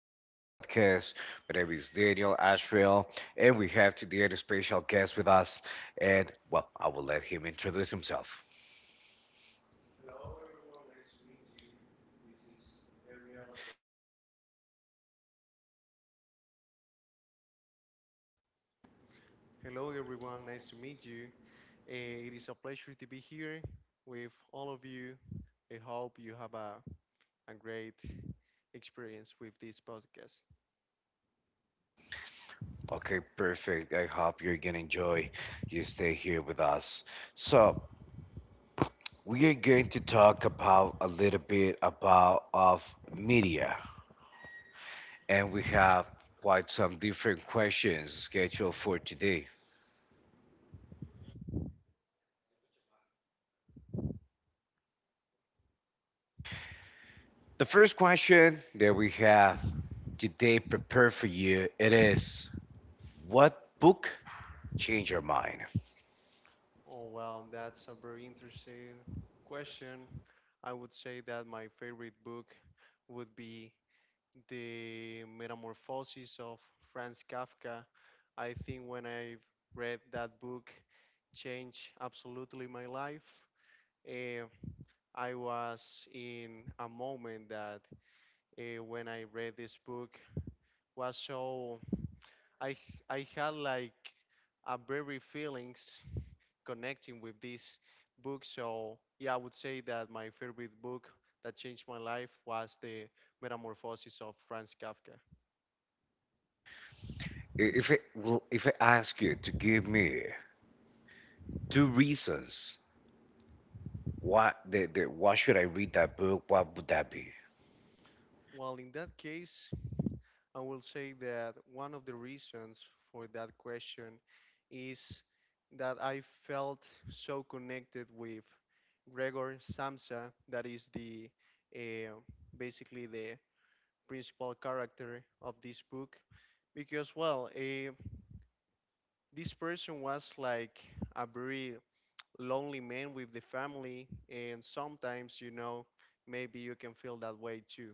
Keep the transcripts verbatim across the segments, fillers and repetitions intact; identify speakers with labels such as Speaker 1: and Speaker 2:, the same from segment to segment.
Speaker 1: to your podcast. My name is Daniel Ashrael, and we have today a special guest with us. And well, I will let him introduce himself.
Speaker 2: Hello, everyone. Nice to meet you. Eh, It is a pleasure to be here with all of you. I hope you have a, a great experience with this podcast.
Speaker 1: Okay, perfect. I hope you're gonna enjoy. You stay here with us. So we are going to talk about a little bit about of media, and we have quite some different questions scheduled for today. The first question that we have today prepared for you it is, what book changed your mind?
Speaker 2: Oh, well, that's a very interesting question. I would say that my favorite book would be The Metamorphosis of Franz Kafka. I think when I read that book, changed absolutely my life. Eh, I was in a moment that uh, when I read this book was so I I had like a very feelings connecting with this book. So yeah, I would say that my favorite book that changed my life was the Metamorphosis of Franz Kafka.
Speaker 1: I- If it will, if I ask you to give me two reasons why the, the why should I read that book, what would that be?
Speaker 2: Well, in that case, I will say that one of the reasons for that question is that I felt so connected with Gregor Samsa, that is the uh, basically the principal character of this book, because well, uh, this person was like a very lonely man with the family, and sometimes you know maybe you can feel that way too.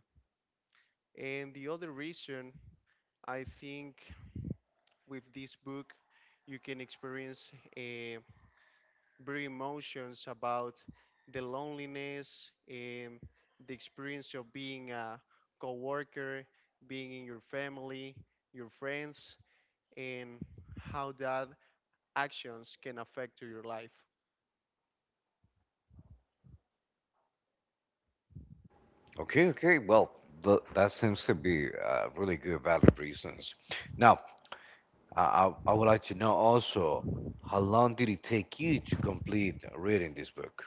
Speaker 2: And the other reason I think with this book, you can experience uh, very emotions about the loneliness, um, the experience of being a coworker, being in your family, your friends, and how that actions can affect to your life.
Speaker 1: Okay, okay. Well, th- that seems to be uh, really good, valid reasons. Now, I, I I would like to know also how long did it take you to complete reading this book?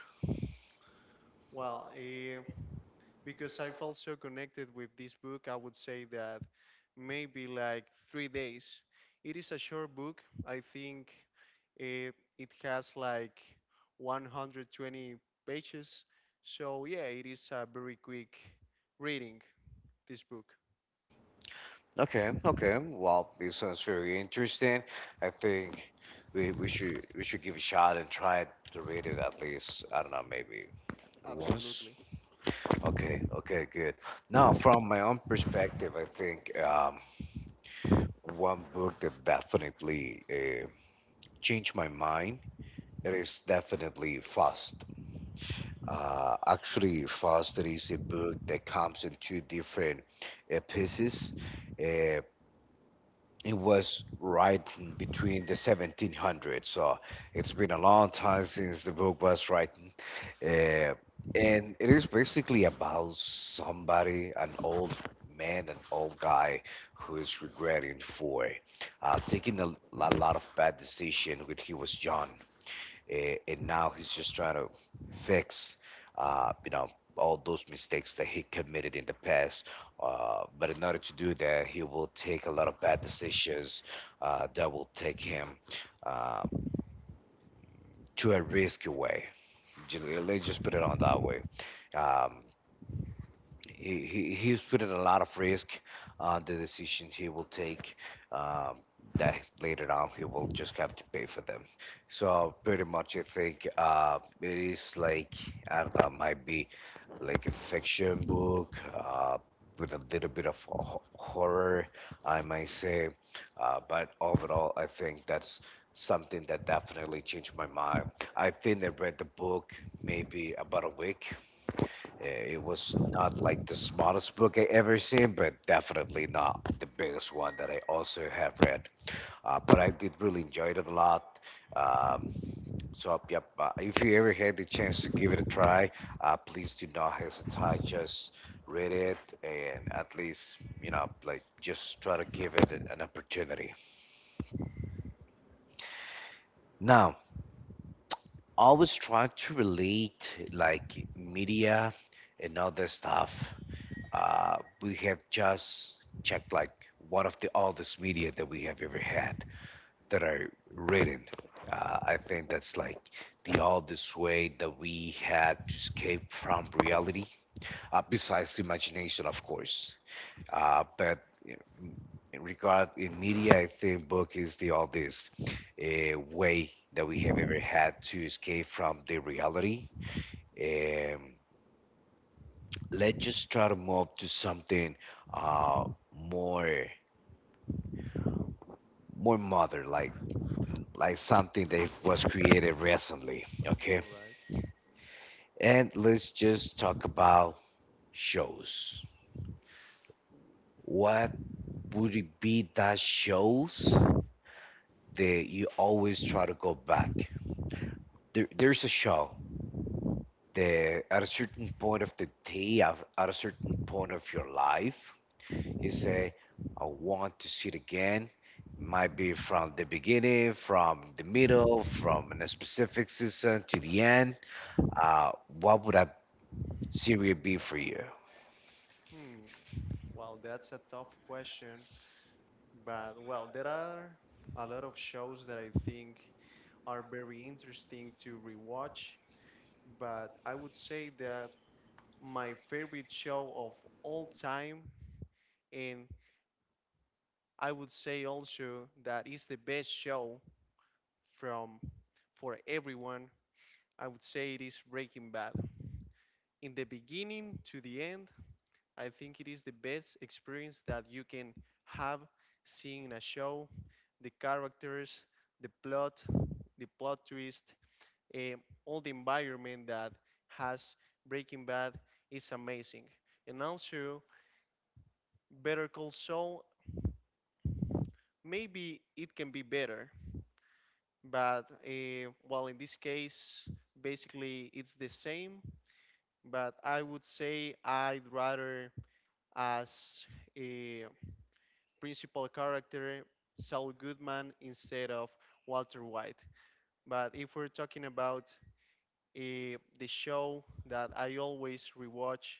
Speaker 2: Well, uh, because I felt so connected with this book. I would say that maybe like three days. It is a short book. I think uh, it has like one hundred twenty pages. So, yeah, it is a very quick reading, this book.
Speaker 1: Okay, okay. Well, it sounds very interesting. I think we, we should we should give it a shot and try to read it at least, I don't know, maybe once.
Speaker 2: Absolutely.
Speaker 1: Okay, okay, good. Now, from my own perspective, I think um, one book that definitely uh, changed my mind, it is definitely Fast. Uh, actually, Fast is a book that comes in two different uh, pieces. Uh, It was right in between the seventeen hundreds, so it's been a long time since the book was written. Uh, and it is basically about somebody, an old man, an old guy, who is regretting for uh, taking a, a lot of bad decisions when he was young eh, and now he's just trying to fix, uh, you know, all those mistakes that he committed in the past. Uh, but in order to do that, he will take a lot of bad decisions uh, that will take him uh, to a risky way. Ju- Let's just put it on that way. Um, he, he- he's put in a lot of risk on the decisions he will take um, that later on he will just have to pay for them. So pretty much I think uh, it is like I don't know, might be like a fiction book uh, with a little bit of ho- horror I might say, uh, but overall I think that's something that definitely changed my mind. I think I read the book maybe about a week. Eh, It was not like the smartest book I ever seen, but definitely not the biggest one that I also have read. Uh, but I did really enjoy it a lot. Um, so yep, uh, if you ever had the chance to give it a try, uh, please do not hesitate. Just read it and at least you know like just try to give it an opportunity. Now, always trying to relate like media and other stuff. Uh, we have just checked like one of the oldest media that we have ever had that are written. Uh, I think that's like the oldest way that we had to escape from reality uh, besides imagination, of course. Uh, but in regard in media, I think book is the oldest uh, way that we have ever had to escape from the reality. Um, let's just try to move to something uh, more more modern, like like something that was created recently. Okay,
Speaker 2: All right.
Speaker 1: and let's just talk about shows. What would it be that shows that you always try to go back. There, there's a show that at a certain point of the day, of- at a certain point of your life, you say, I want to see it again. Might be from the beginning, from the middle, from a specific season to the end. Uh, what would that series be for you?
Speaker 2: Hmm. Well, that's a tough question. But, well, there are a lot of shows that I think are very interesting to rewatch, but I would say that my favorite show of all time, and I would say also that it's the best show from for everyone. I would say it is Breaking Bad. In the beginning to the end, I think it is the best experience that you can have seeing a show. The characters, the plot, the plot twist, eh, all the environment that has Breaking Bad is amazing. And also, Better Call Saul, maybe it can be better, but uh, well, in this case, basically it's the same. But I would say I'd rather as a principal character Saul Goodman instead of Walter White. But if we're talking about uh, the show that I always rewatch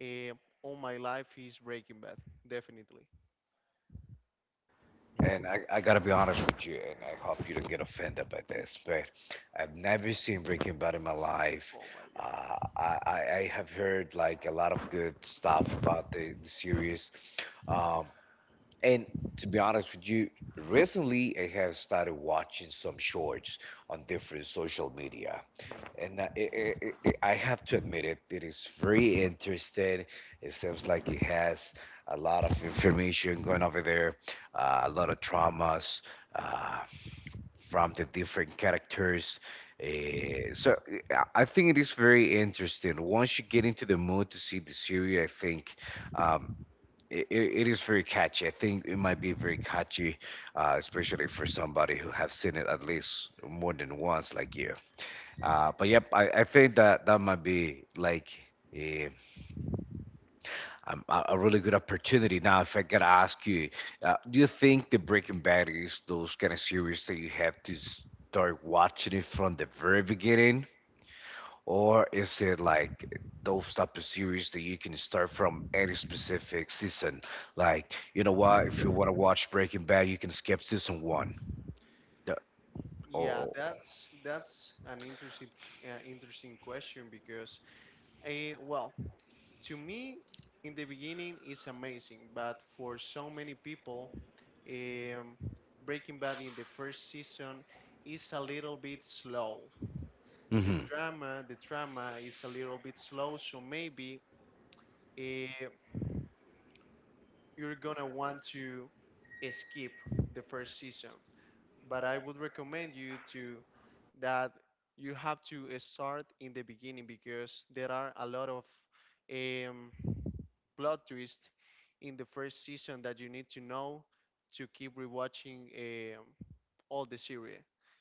Speaker 2: uh, all my life is Breaking Bad, definitely.
Speaker 1: And I, I gotta be honest with you, and I hope you don't get offended by this, but I've never seen Breaking Bad in my life.
Speaker 2: Oh my
Speaker 1: Uh,
Speaker 2: god.
Speaker 1: I, I I have heard like a lot of good stuff about the, the series. Um, and to be honest with you, recently I have started watching some shorts on different social media, and uh, it, it, it, it- I have to admit it. It is very interesting. It seems like it has a lot of information going over there, uh, a lot of traumas. Uh, from the different characters. Uh, so uh, I I think it is very interesting. Once you get into the mood to see the series, I think um, it, it is very catchy. I think it might be very catchy, uh, especially for somebody who have seen it at least more than once, like you. Uh, but yep, I, I think that that might be like eh, um, a, a really good opportunity. Now, if I gotta ask you, uh, do you think the Breaking Bad is those kind of series that you have to start watching it from the very beginning? Or is it like those type of series that you can start from any specific season? Like, you know what, if you want to watch Breaking Bad, you can skip season one. The-
Speaker 2: Yeah,
Speaker 1: Oh.
Speaker 2: that's that's an interesting uh, interesting question because eh, well, to me in the beginning it's amazing, but for so many people, um, Breaking Bad in the first season is a little bit slow. The
Speaker 1: Mm-hmm.
Speaker 2: drama, the drama is a little bit slow, so maybe eh, you're gonna want to eh, skip the first season. But I would recommend you to that you have to uh, start in the beginning because there are a lot of um, plot twists in the first season that you need to know to keep rewatching um, all the series.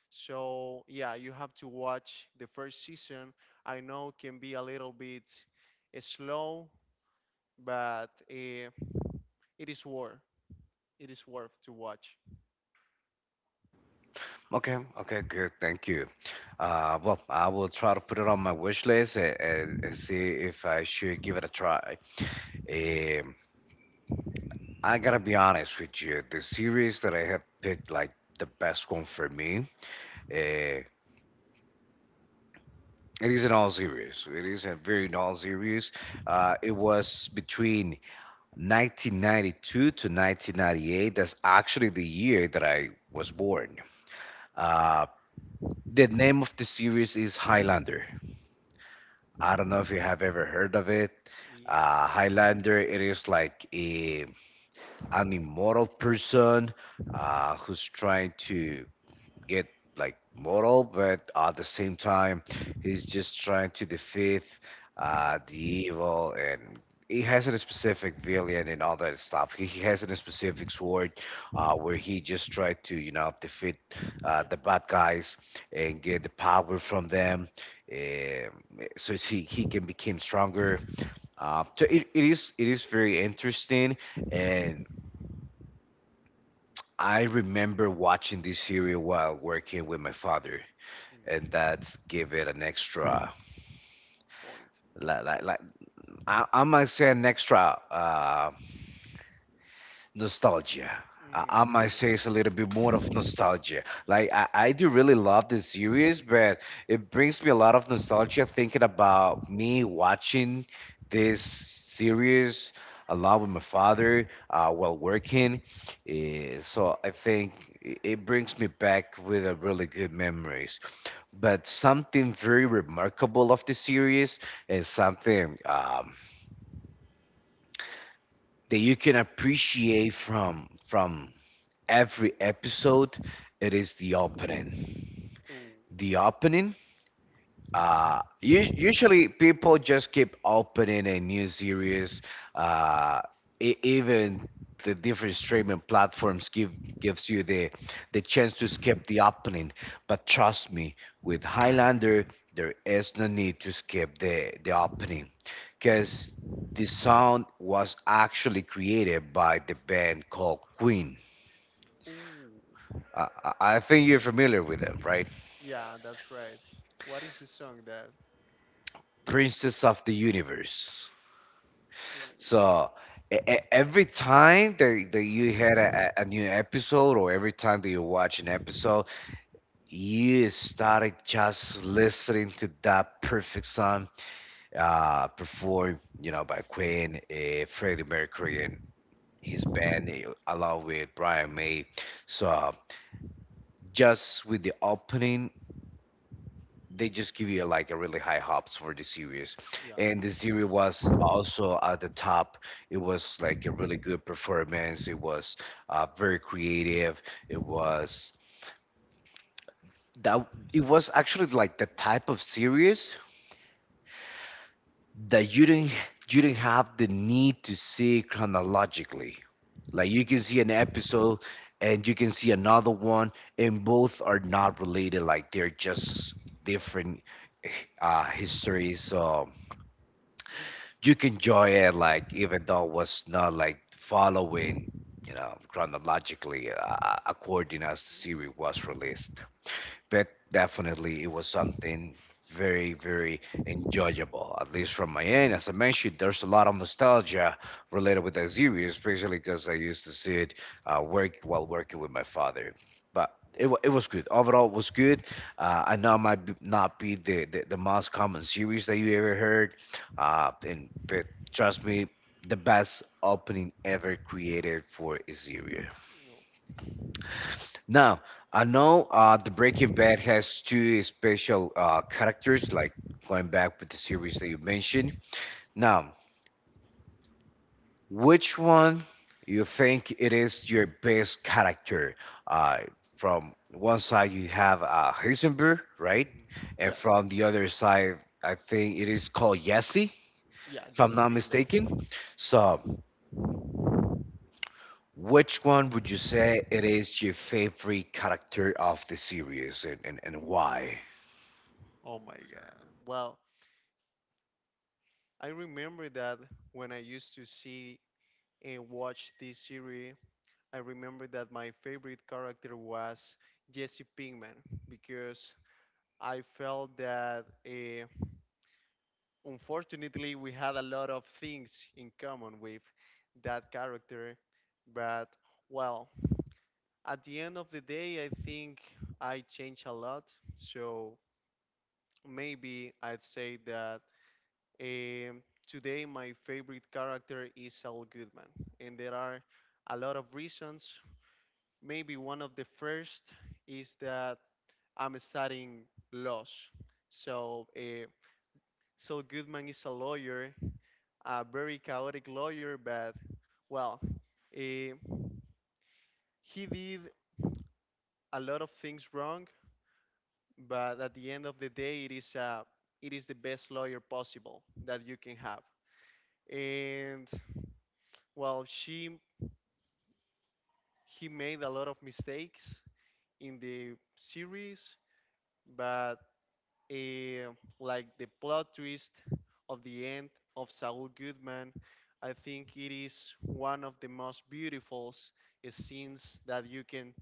Speaker 2: So yeah, you have to watch the first season. I know can be a little bit uh, slow, but uh, it is worth it is worth to watch.
Speaker 1: Okay, okay, good. Thank you. Uh, well, I will try to put it on my wish list and, and, and see if I should give it a try. Um, I gotta be honest with you. The series that I have picked, like the best one for me, uh, it is an all series. It is a very all series. Uh, it was between nineteen ninety-two to nineteen ninety-eight. That's actually the year that I was born. Uh, the name of the series is Highlander. I don't know if you have ever heard of it.
Speaker 2: Yeah.
Speaker 1: Uh, Highlander, it is like a an immortal person uh, who's trying to get like moral, but at the same time, he's just trying to defeat uh, the evil, and he has a specific villain and all that stuff. He, he has a specific sword uh, where he just tried to, you know, defeat uh,
Speaker 2: Yeah.
Speaker 1: the bad guys and get the power from them, um, so he he can become stronger. Uh, so it, it is it is very interesting, and I remember watching this series while working with my father and
Speaker 2: Mm,
Speaker 1: that's give it an extra
Speaker 2: point.
Speaker 1: like like, like I, I might say an extra uh nostalgia. I, I might
Speaker 2: Mm,
Speaker 1: say it's a little bit more of nostalgia. Like I, I do really love this series, but it brings me a lot of nostalgia thinking about me watching this series along with my father uh, while working. Eh, so I think it it brings me back with a really good memories. But something very remarkable of the series is something um, that you can appreciate from from every episode, it is the opening.
Speaker 2: yeah. Ooh.
Speaker 1: The opening, uh us- usually people just keep opening a new series, uh e- even the different streaming platforms give gives you the the chance to skip the opening, but trust me, with Highlander there is no need to skip the the opening, because the sound was actually created by the band called Queen.
Speaker 2: Ooh.
Speaker 1: I, I I think you're familiar with them, right?
Speaker 2: Yeah, that's right. What is the song that?
Speaker 1: Princess of the Universe.
Speaker 2: Mm,
Speaker 1: So e- e- every time that, that you had a, a new episode, or every time that you watch an episode, you started just listening to that perfect song uh, performed, you know, by Queen, uh, Freddie Mercury, and his band, eh, along with Brian May. So just with the opening they just give you like a really high hops for the series,
Speaker 2: Yeah.
Speaker 1: and the series was also at the top. It was like a really good performance. It was uh, very creative. It was that it was actually like the type of series that you didn't you didn't have the need to see chronologically. Like you can see an episode and you can see another one and both are not related, like they're just different eh, uh histories. So you can enjoy it like even though it was not like following you know chronologically uh, according as the series
Speaker 2: Mm,
Speaker 1: was released, but definitely it was something very very enjoyable, at least from my end. As I mentioned, there's a lot of nostalgia related with that series, especially because I used to see it uh, work while working with my father, but it, wa- it was good overall. It was good. uh, I know it might be, not be the, the, the most common series that you ever heard, uh, and but trust me, the best opening ever created for a series.
Speaker 2: no.
Speaker 1: Now, I know uh, the Breaking Bad has two special uh, characters, like going back with the series that you mentioned. Now, which one you think it is your best character? Uh, from one side you have uh, Heisenberg, right?
Speaker 2: Mhm.
Speaker 1: And
Speaker 2: Yeah.
Speaker 1: from the other side, I think it is called Jesse,
Speaker 2: Yeah,
Speaker 1: if I'm
Speaker 2: just
Speaker 1: not
Speaker 2: Pinkman.
Speaker 1: mistaken. So, which one would you say it is your favorite character of the series, and, and, and why?
Speaker 2: Oh my God. Well, I remember that when I used to see and watch this series, I remember that my favorite character was Jesse Pinkman because I felt that. Uh, unfortunately we had a lot of things in common with that character, but well at the end of the day I think I changed a lot, so maybe I'd say that um, today my favorite character is Saul Goodman, and there are a lot of reasons. Maybe one of the first is that I'm studying laws, so uh, Saul Goodman is a lawyer, a very chaotic lawyer, but well, eh, he did a lot of things wrong. But at the end of the day, it is uh, it is the best lawyer possible that you can have. And well, she he made a lot of mistakes in the series, but eh, like the plot twist of the end of Saul Goodman, I think it is one of the most beautiful s- eh, scenes that you can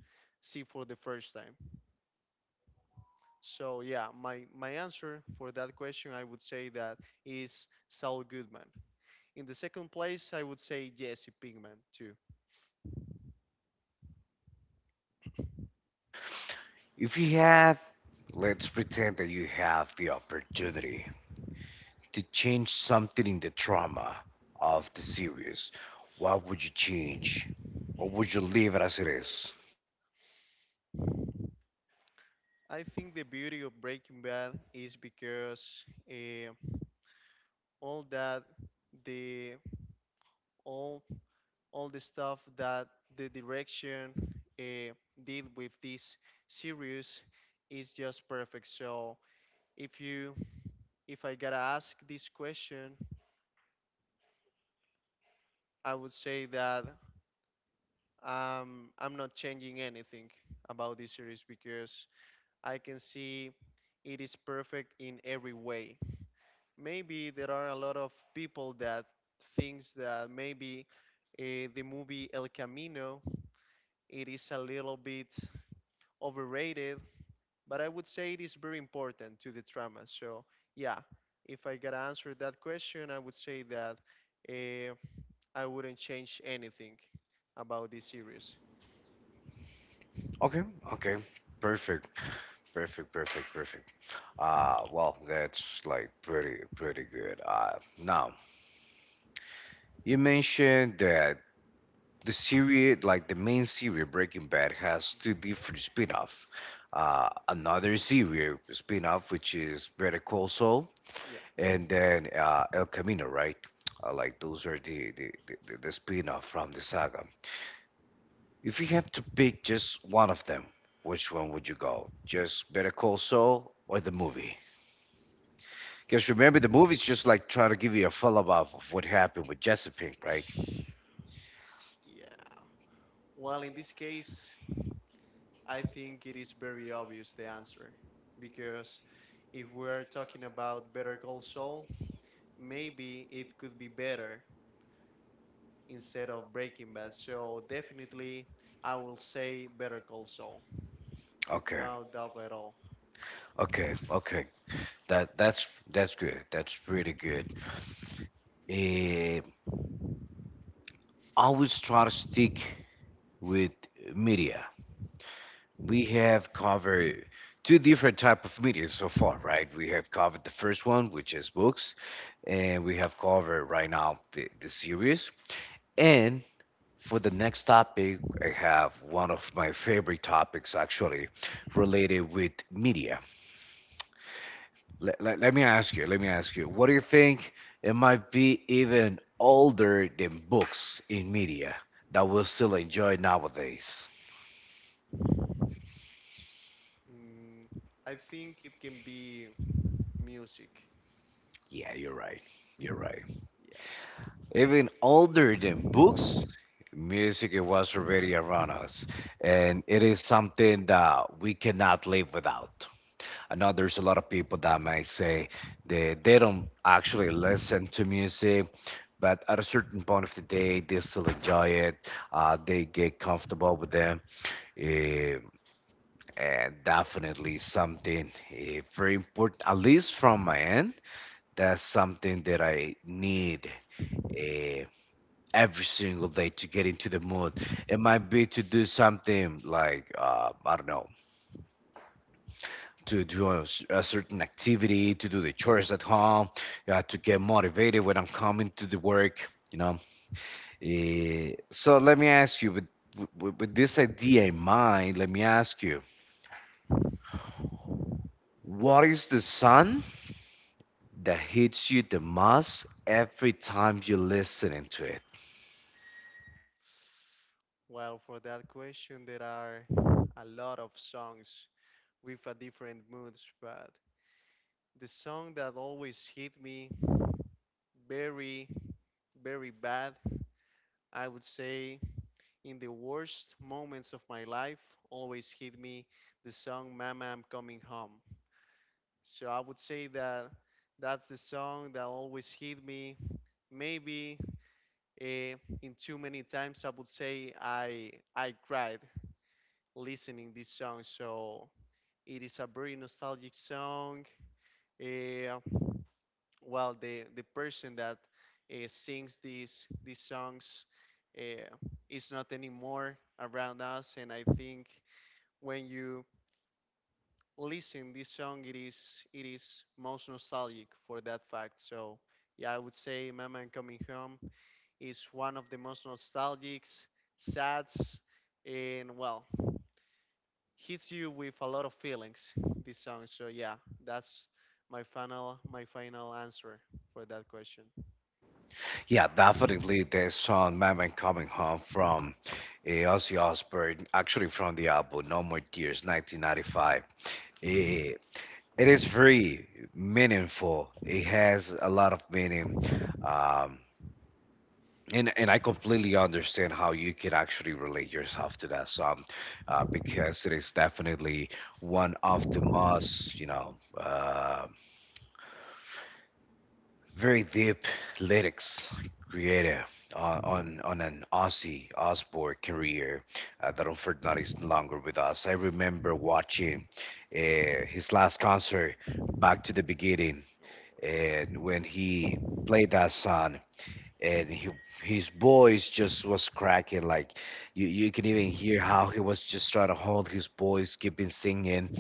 Speaker 2: see for the first time. So yeah, my my answer for that question I would say that is Saul Goodman. In the second place, I would say Jesse Pinkman too.
Speaker 1: If you had, let's pretend that you have the opportunity to change something in the drama of the
Speaker 2: Mhm.
Speaker 1: series, what would you change? Or would you leave it as it is?
Speaker 2: I think the beauty of Breaking Bad is because eh, all that the all all the stuff that the direction uh, did with this series is just perfect. So if you if I gotta ask this question, I would say that um, I'm not changing anything about this series because I can see it is perfect in every way. Maybe there are a lot of people that thinks that maybe uh, the movie El Camino it is a little bit overrated, but I would say it is very important to the trauma. So yeah, if I gotta answer that question, I would say that uh, I wouldn't change anything about this series.
Speaker 1: Okay, okay. Perfect. Perfect, perfect, perfect. Uh, well, that's like pretty, pretty good. Uh, now, you mentioned that the series, like the main series, Breaking Bad, has two different spin-off. Uh, another series spin-off, which is Better Call Saul,
Speaker 2: Yeah.
Speaker 1: and then uh, El Camino, right? Uh, like those are the the, the the spin-off from the saga. If you have to pick just one of them, which one would you go? Just Better Call Saul or the movie? Because remember, the movie's just like trying to give you a follow-up of what happened with Jesse Pink, right?
Speaker 2: Yeah. Well, in this case, I think it is very obvious the answer because if we're talking about Better Call Saul, maybe it could be better instead of Breaking Bad. So definitely, I will say Better Call Saul with
Speaker 1: Okay.
Speaker 2: no doubt at all.
Speaker 1: Okay, okay. That that's that's good. That's really good. Eh, always try to stick with media. We have covered two different type of media so far, right? We have covered the first one, which is books, and we have covered right now the, the series. And for the next topic, I have one of my favorite topics actually related with media. Let, let, let me ask you, let me ask you, what do you think it might be even older than books in media that we'll still enjoy nowadays?
Speaker 2: Mm, I think it can be music.
Speaker 1: Yeah, you're right. You're right.
Speaker 2: Yeah.
Speaker 1: Even older than books, music it was already around us, and it is something that we cannot live without. I know there's a lot of people that may say they they don't actually listen to music, but at a certain point of the day, they still enjoy it. Uh, they get comfortable with them. Eh, and definitely something eh, very important. At least from my end, that's something that I need eh, every single day to get into the mood. It might be to do something like uh, I don't know, to do a, s- a certain activity, to do the chores at home, uh, to get motivated when I'm coming to the work, you know. Eh, so let me ask you, with, with, with this idea in mind, let me ask you, what is the sun that hits you the most every time you're listening to it?
Speaker 2: Well, for that question, there are a lot of songs with a different moods, but the song that always hit me very, very bad, I would say in the worst moments of my life, always hit me the song Mama, I'm Coming Home. So I would say that that's the song that always hit me. Maybe Eh, in too many times, I would say I I cried listening this song. So it is a very nostalgic song. Eh, well, the the person that uh, sings these these songs uh, is not anymore around us, and I think when you listen this song, it is it is most nostalgic for that fact. So yeah, I would say "Mama and Coming Home" is one of the most nostalgic, sad, and well, hits you with a lot of feelings. This song, so yeah, that's my final my final answer for that question.
Speaker 1: Yeah, definitely the song Mammon Coming Home from uh, Ozzy Osbourne, actually from the album No More Tears, nineteen ninety-five. Eh, it is very meaningful. It has a lot of meaning. Um, and, and I completely understand how you can actually relate yourself to that song uh, because it is definitely one of the most, you know, um very deep lyrics created uh, on on an Ozzy Osbourne career uh, that unfortunately is no longer with us. I remember watching uh, his last concert back to the beginning,
Speaker 2: Oh yeah.
Speaker 1: and when he played that song, and he, his voice just was cracking. Like you, you can even hear how he was just trying to hold his voice, keeping singing,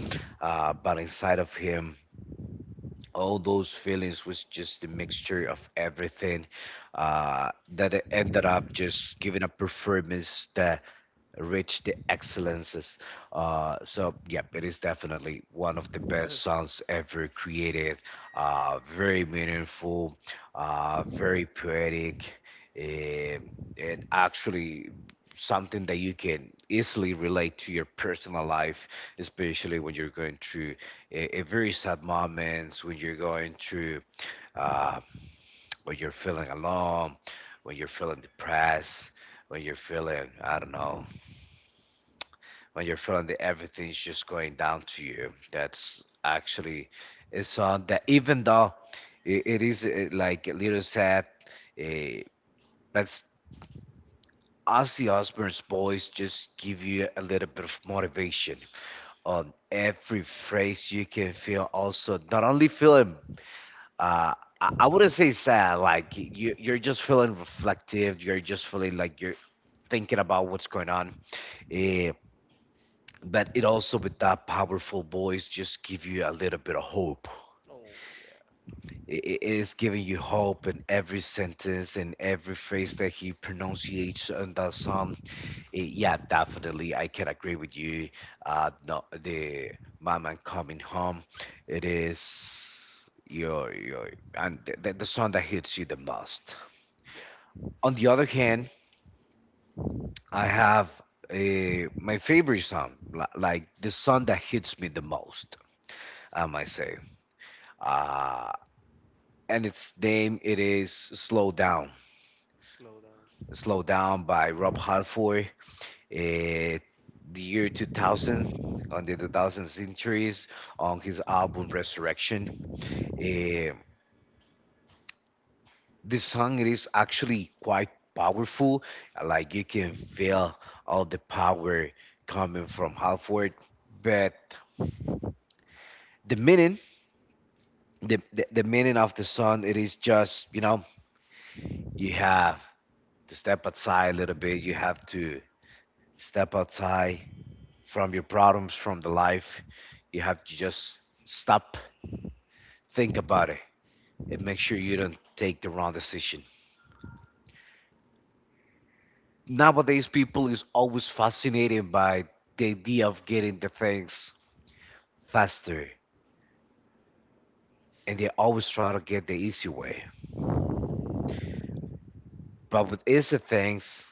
Speaker 1: uh, but inside of him all those feelings was just a mixture of everything uh, that I ended up just giving a performance that reached the excellences. Uh, so, yep, it is definitely one of the best songs ever created. Uh, very meaningful, uh, very poetic, um, and actually something that you can easily relate to your personal life, especially when you're going through a, a very sad moments when you're going through uh, when you're feeling alone, when you're feeling depressed, when you're feeling I don't know, when you're feeling that everything's just going down to you. That's actually a song that even though it, it is uh, like a little sad, uh, but Ozzy Osbourne's voice just give you a little bit of motivation on every phrase. You can feel also not only feeling uh, I, I wouldn't say sad. Like you, you're just feeling reflective. You're just feeling like you're thinking about what's going on. Eh, but it also, with that powerful voice, just give you a little bit of hope.
Speaker 2: Oh yeah.
Speaker 1: It, it is giving you hope in every sentence and every phrase that he pronunciates on that song. Eh, Yeah, definitely. I can agree with you. Uh, no, the mom and coming home, it is your your and the, the the song that hits you the most.
Speaker 2: Yeah.
Speaker 1: On the other hand, I have a, my favorite song, li- like the song that hits me the most, I might say. Uh, and its name it is "Slow Down."
Speaker 2: Slow down.
Speaker 1: "Slow Down" by Rob Halford. eh, the year two thousand, on the two thousand centuries, on his album Resurrection. Eh, this song it is actually quite powerful. Like you can feel all the power coming from Halford, but the meaning, the, the the meaning of the song, it is just, you know, you have to step outside a little bit. You have to step outside from your problems, from the life. You have to just stop. Think about it and make sure you don't take the wrong decision. Nowadays, people is always fascinated by the idea of getting the things faster, and they always try to get the easy way. But with easy things,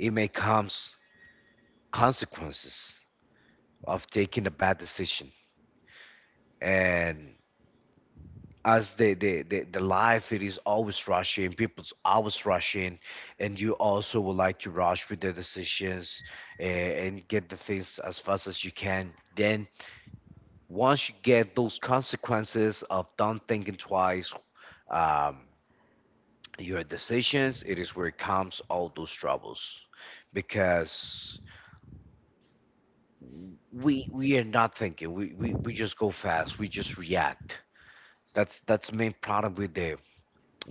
Speaker 1: it may comes consequences of taking a bad decision, and as the, the the the life it is always rushing, people's always rushing, and you also would like to rush with the decisions, uh, and get the things as fast as you can. Then once you get those consequences of not thinking twice um, your decisions, it is where it comes all those troubles, because we we are not thinking. We, we we just go fast, we just react. That's that's main problem with the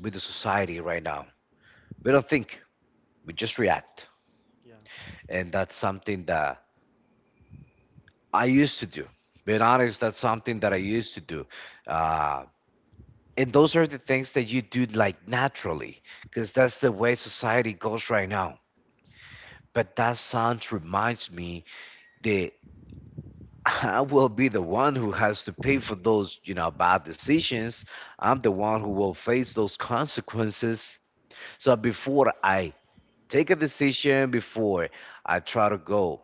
Speaker 1: with the society right now. We don't think, we just react.
Speaker 2: Yeah.
Speaker 1: And that's something that I used to do. Being honest, that's something that I used to do. Uh, and those are the things that you do like naturally, because that's the way society goes right now. But that sound reminds me that I will be the one who has to pay for those, you know, bad decisions. I'm the one who will face those consequences. So before I take a decision, before I try to go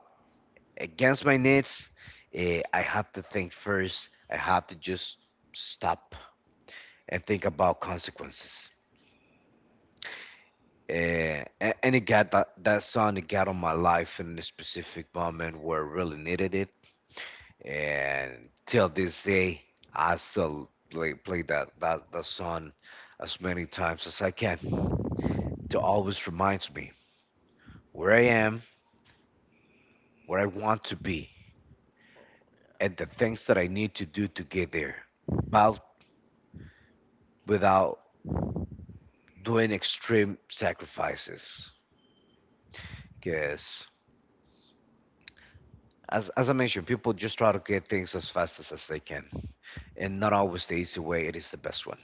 Speaker 1: against my needs, eh, I have to think first. I have to just stop and think about consequences. Eh, a- and it got that, that song, it got on my life in a specific moment where I really needed it. And till this day, I still play, play that, that, that song as many times as I can, to always reminds me where I am, where I want to be, and the things that I need to do to get there. But without doing extreme sacrifices, because
Speaker 2: S-
Speaker 1: as, as I mentioned, people just try to get things as fast as as they can, and not always the easy way it is the best one.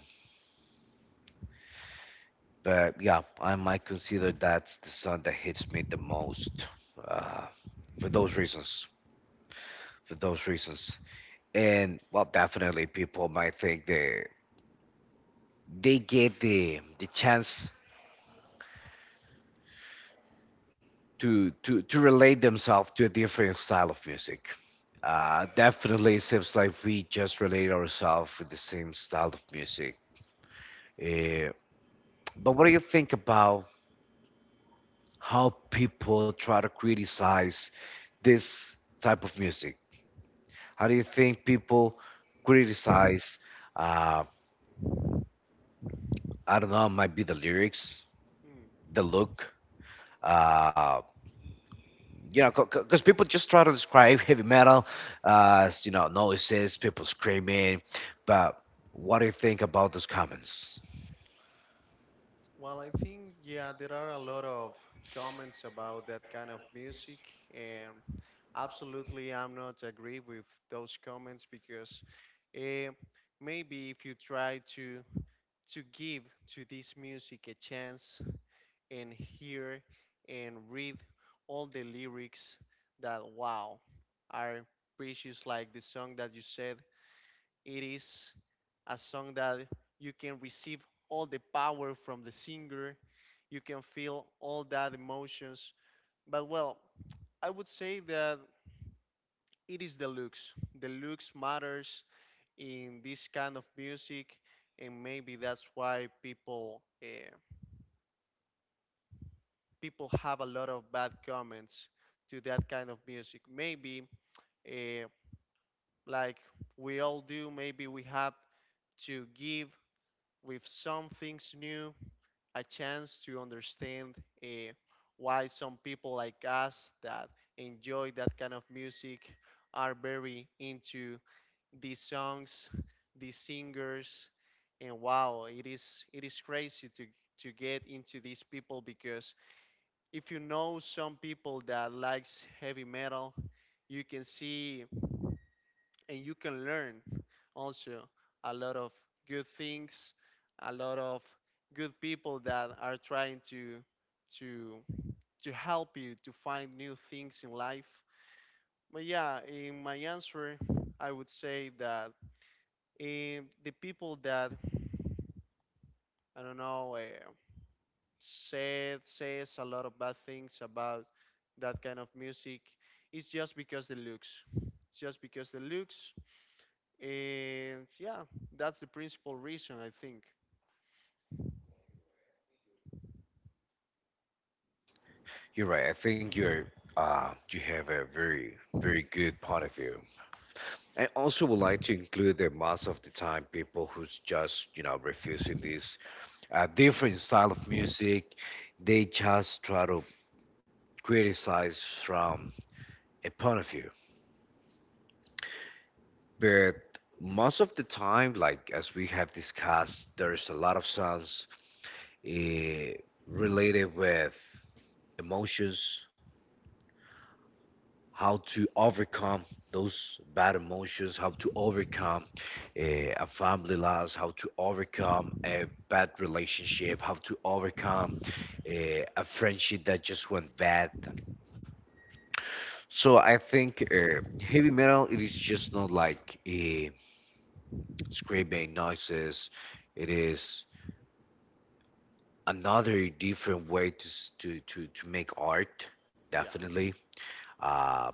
Speaker 1: But yeah, I might consider that's the song that hits me the most, uh, for those reasons, for those reasons. And well, definitely people might think they they get the the chance to to to relate themselves to a different style of music. Uh, definitely, it seems like we just relate ourselves with the same style of music. Uh, but what do you think about how people try to criticize this type of music? How do you think people criticize? Uh, I don't know. Might be the lyrics,
Speaker 2: Hmm.
Speaker 1: the look, uh, you know, because people just try to describe heavy metal as, you know, noises, people screaming. But what do you think about those comments?
Speaker 2: Well, I think yeah, there are a lot of comments about that kind of music, and absolutely, I'm not agree with those comments because eh, maybe if you try to to give to this music a chance and hear and read all the lyrics that wow are precious like the song that you said, it is a song that you can receive all the power from the singer. You can feel all that emotions, but well I would say that it is the looks. The looks matters in this kind of music, and maybe that's why people uh, people have a lot of bad comments to that kind of music. Maybe uh, like we all do, maybe we have to give with some things new a chance to understand uh, why some people like us that enjoy that kind of music are very into these songs, these singers, and wow, it is it is crazy to to get into these people because if you know some people that likes heavy metal, you can see and you can learn also a lot of good things, a lot of good people that are trying to to to help you to find new things in life. But yeah, in my answer, I would say that eh, the people that I don't know, uh, said says a lot of bad things about that kind of music. It's just because the looks. It's just because the looks, and yeah, that's the principal reason I think.
Speaker 1: You're right. I think you're uh, you have a very very good point of view. I also would like to include the most of the time people who's just, you know, refusing this uh, different style of music, they just try to criticize from a point of view. But most of the time, like as we have discussed, there's a lot of songs eh, related with emotions, how to overcome those bad emotions, how to overcome eh, a family loss, how to overcome a bad relationship, how to overcome eh, a friendship that just went bad. So I think uh, heavy metal, it is just not like uh, screaming noises. It is another different way to s- to to, to make art.
Speaker 2: Yeah,
Speaker 1: Definitely uh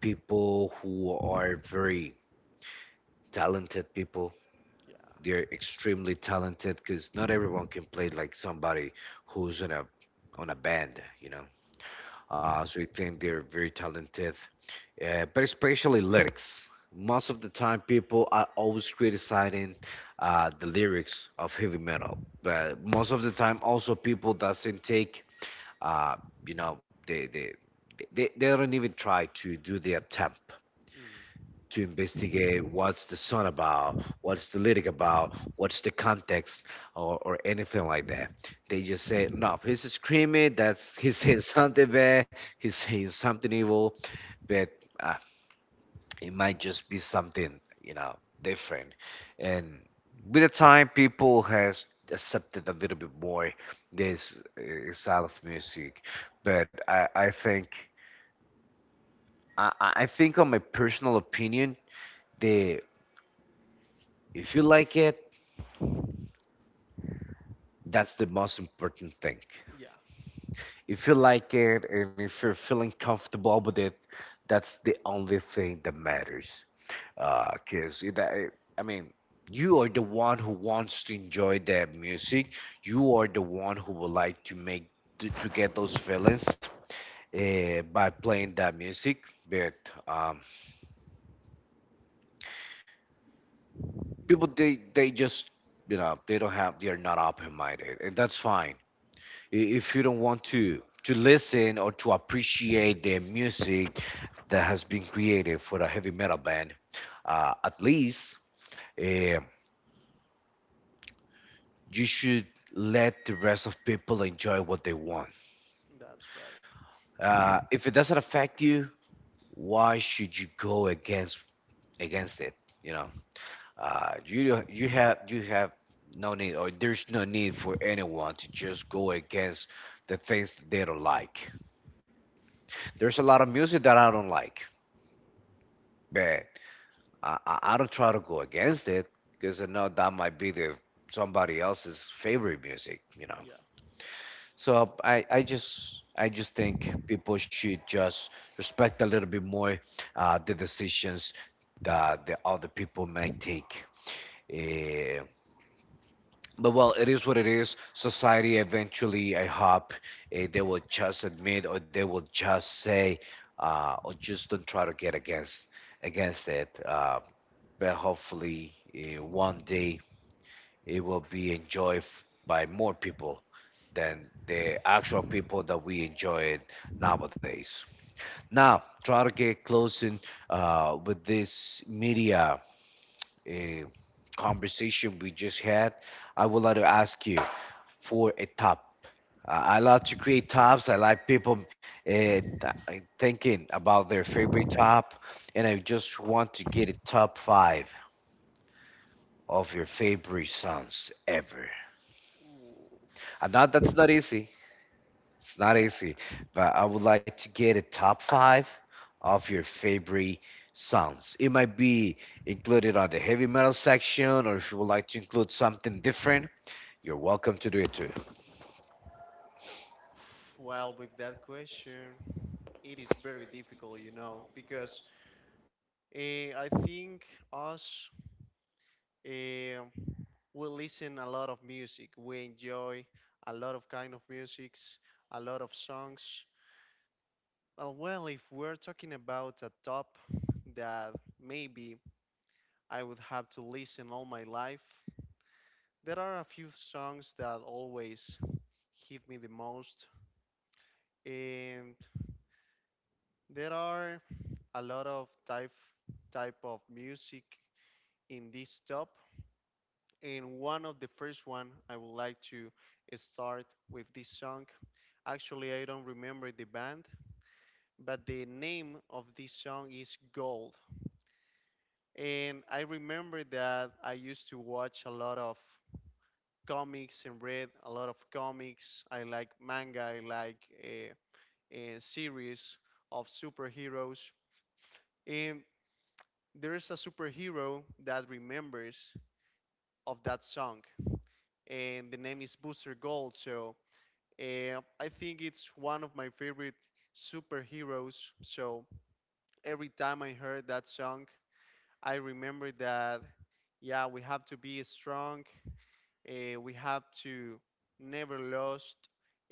Speaker 1: people who are very talented people,
Speaker 2: yeah,
Speaker 1: they're extremely talented, because not everyone can play like somebody who's on a on a band, you know. Uh so I think they're very talented, uh, but especially lyrics, most of the time people are always criticizing uh the lyrics of heavy metal, but most of the time also people doesn't take. Uh, you know, they, they they they don't even try to do the attempt
Speaker 2: mm,
Speaker 1: to investigate what's the son about, what's the lyric about, what's the context, or or anything like that. They just say, no, he's screaming. That's he's saying something bad. He's saying something evil, but. Uh, it might just be something, you know, different, and with the time people has accepted a little bit more this uh, style of music. But i i think i i I think, on my personal opinion, the if you like it, that's the most important thing.
Speaker 2: yeah.
Speaker 1: If you like it and if you're feeling comfortable with it, that's the only thing that matters, because uh, that I mean, you are the one who wants to enjoy that music. You are the one who would like to make to, to get those feelings uh, by playing that music. But um, people, they they just, you know, they don't have, they are not open minded, and that's fine. I- If you don't want to to listen or to appreciate the music that has been created for a heavy metal band, uh, at least. Um you should let the rest of people enjoy what they want.
Speaker 2: That's right.
Speaker 1: Uh, if it doesn't affect you, why should you go against against it? You know, uh, you you have you have no need, or there's no need for anyone to just go against the things that they don't like. There's a lot of music that I don't like, but I, I I don't try to go against it, because I know that might be the somebody else's favorite music. You know.
Speaker 2: Yeah,
Speaker 1: So I, I just I just think people should just respect a little bit more uh, the decisions that the other people might take. Eh, but well, it is what it is. Society eventually, I hope, eh, they will just admit, or they will just say, uh, or just don't try to get against against it. Uh, but hopefully, eh, one day it will be enjoyed f- by more people
Speaker 2: yeah.
Speaker 1: than the actual people that we enjoy it nowadays. Now, try to get closing uh, with this media uh, conversation we just had, I would like to ask you for a top. Uh, I love to create tops. I like people uh, th- thinking about their favorite top, and I just want to get a top five of your favorite songs ever.
Speaker 2: Ooh,
Speaker 1: I know that's not easy. It's not
Speaker 2: yeah.
Speaker 1: easy, but I would like to get a top five of your favorite songs. It might be included on the heavy metal section, or if you would like to include something different, you're welcome to do it too.
Speaker 2: Well, with that question, it is very difficult, you know, because uh, I think us. eh, we listen a lot of music. We enjoy a lot of kind of musics, a lot of songs. Well, well, if we're talking about a top that maybe I would have to listen all my life, there are a few songs that always hit me the most, and there are a lot of type type of music in this top. And one of the first one I would like to start with this song. Actually, I don't remember the band, but the name of this song is Gold. And I remember that I used to watch a lot of comics and read a lot of comics. I like manga, I like a, a series of superheroes. And there is a superhero that remembers of that song, and the name is Booster Gold. So uh, I think it's one of my favorite superheroes. So every time I heard that song, I remember that, yeah, we have to be strong. Uh, we have to never lost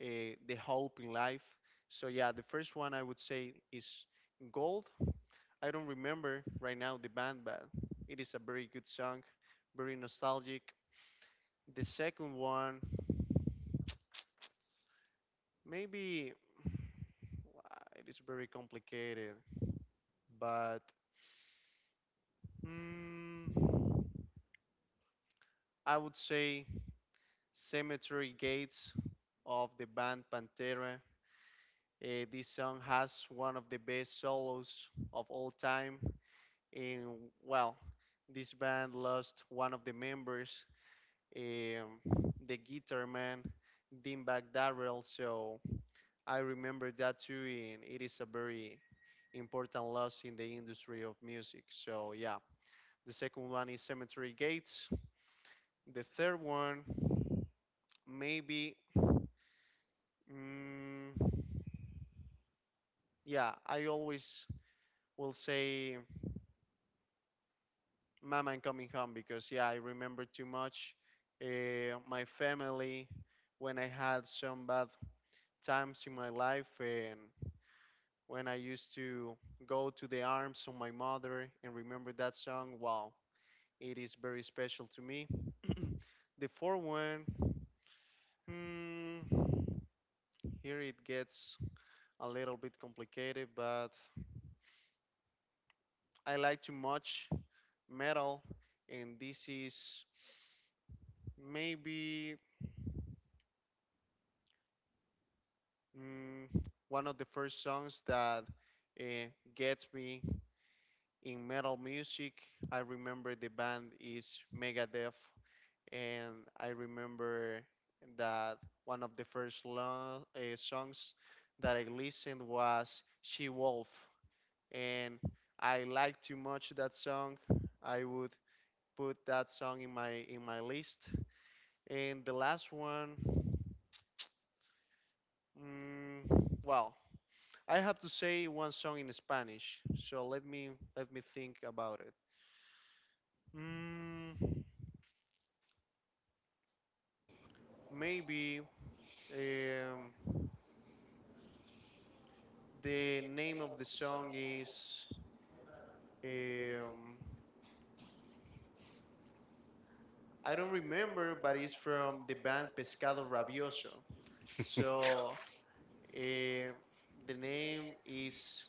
Speaker 2: uh, the hope in life. So yeah, the first one I would say is Gold. I don't remember right now the band, but it is a very good song, very nostalgic. The second one, maybe uh, it is very complicated, but Mm, I would say Cemetery Gates of the band Pantera. Eh, this song has one of the best solos of all time. And well, this band lost one of the members, um, the guitar man, Dimebag Darrell. So I remember that too, and it is a very important loss in the industry of music. So yeah, the second one is Cemetery Gates. The third one maybe mm, yeah I always will say Mama I Coming Home because yeah I remember too much uh, my family when I had some bad times in my life and when I used to go to the arms of my mother and remember that song, wow, it is very special to me. The fourth one, hmm, here it gets a little bit complicated, but I like too much metal, and this is maybe mm, one of the first songs that uh, gets me in metal music. I remember the band is Megadeth, and I remember that one of the first lo- uh, songs that I listened was She Wolf, and I liked too much that song. I would put that song in my in my list. And the last one, Mm, well, I have to say one song in Spanish, so let me let me think about it. Mm, maybe um, the name of the song is um, I don't remember, but it's from the band Pescado Rabioso. So um the name is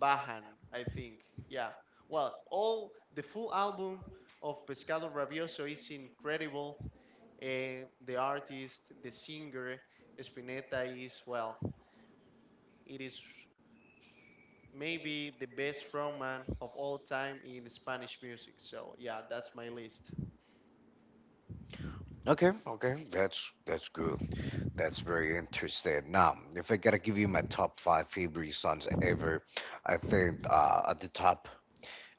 Speaker 2: Bajan, I think. Yeah. Well, all the full album of Pescado Rabioso is incredible. Eh, the artist, the singer, Spinetta is, well, it is maybe the best frontman of all time in Spanish music. So, yeah, that's my list.
Speaker 1: Okay, okay, that's that's good. That's very interesting. Now, if I gotta give you my top five favorite songs ever, I think uh, at the top,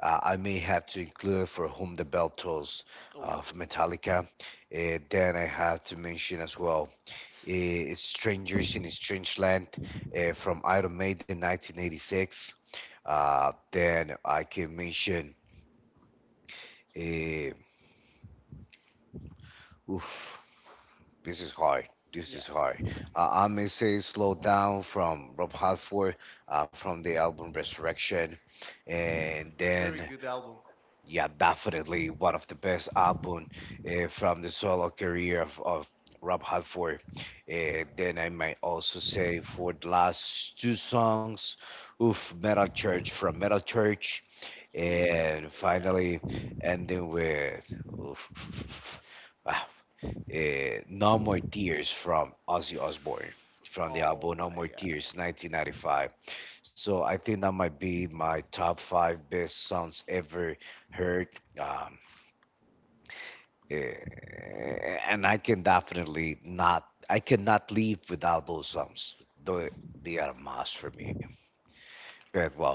Speaker 1: Uh, I may have to include For Whom the Bell Tolls
Speaker 2: Oh,
Speaker 1: uh, of Metallica. Uh, then I have to mention as well uh, Strangers in a Strange Land uh, from Iron Maiden nineteen eighty-six. Uh, then I can mention, uh, oof, this is hard. This
Speaker 2: yeah,
Speaker 1: is hard. Uh, I may say Slow Down from Rob Halford uh, from the album Resurrection. And
Speaker 2: very
Speaker 1: then,
Speaker 2: good album.
Speaker 1: yeah, definitely one of the best album uh, from the solo career of, of Rob Halford. Uh, then I might also say, for the last two songs, oof, Metal Church from Metal Church,
Speaker 2: Oh,
Speaker 1: and
Speaker 2: yeah.
Speaker 1: finally ending with oof, ah, eh, No More Tears from Ozzy Osbourne from the
Speaker 2: Oh
Speaker 1: album No
Speaker 2: my
Speaker 1: More
Speaker 2: God.
Speaker 1: Tears nineteen ninety-five. So I think that might be my top five best songs ever hurt um, eh, and i can definitely not, i cannot live without those songs, though they are a must for me. But well,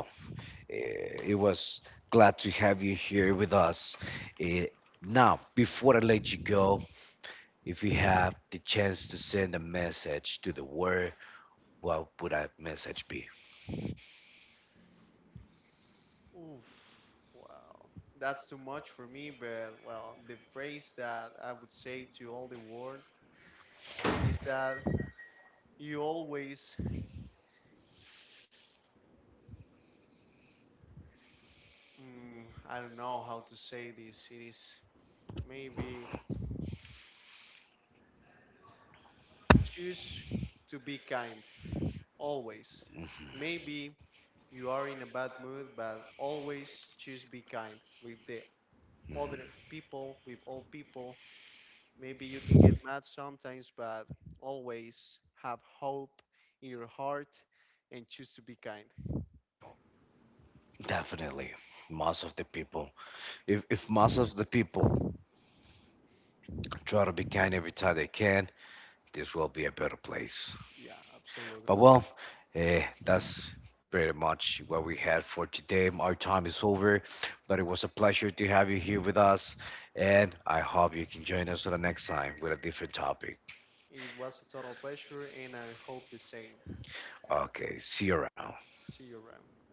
Speaker 1: eh, it was glad to have you here with us. Eh, Now, before i let you go, if you have the chance to send a message to the world, what would that message be?
Speaker 2: Oof. Wow. That's too much for me, but well, the phrase that I would say to all the world is that you always, mm, I don't know how to say this. It is maybe choose to be kind always. Maybe you are in a bad mood, but always choose be kind with the other people, with all people. Maybe you can get mad sometimes, but always have hope in your heart and choose to be kind.
Speaker 1: Definitely, most of the people, if, if most of the people try to be kind every time they can, this will be a better place.
Speaker 2: Yeah,
Speaker 1: But
Speaker 2: absolutely.
Speaker 1: well, eh, that's pretty much what we had for today. Our time is over, but it was a pleasure to have you here with us, and I hope you can join us on the next time with a different topic.
Speaker 2: It was a total pleasure, and I hope the same.
Speaker 1: Okay, see you around.
Speaker 2: See you around.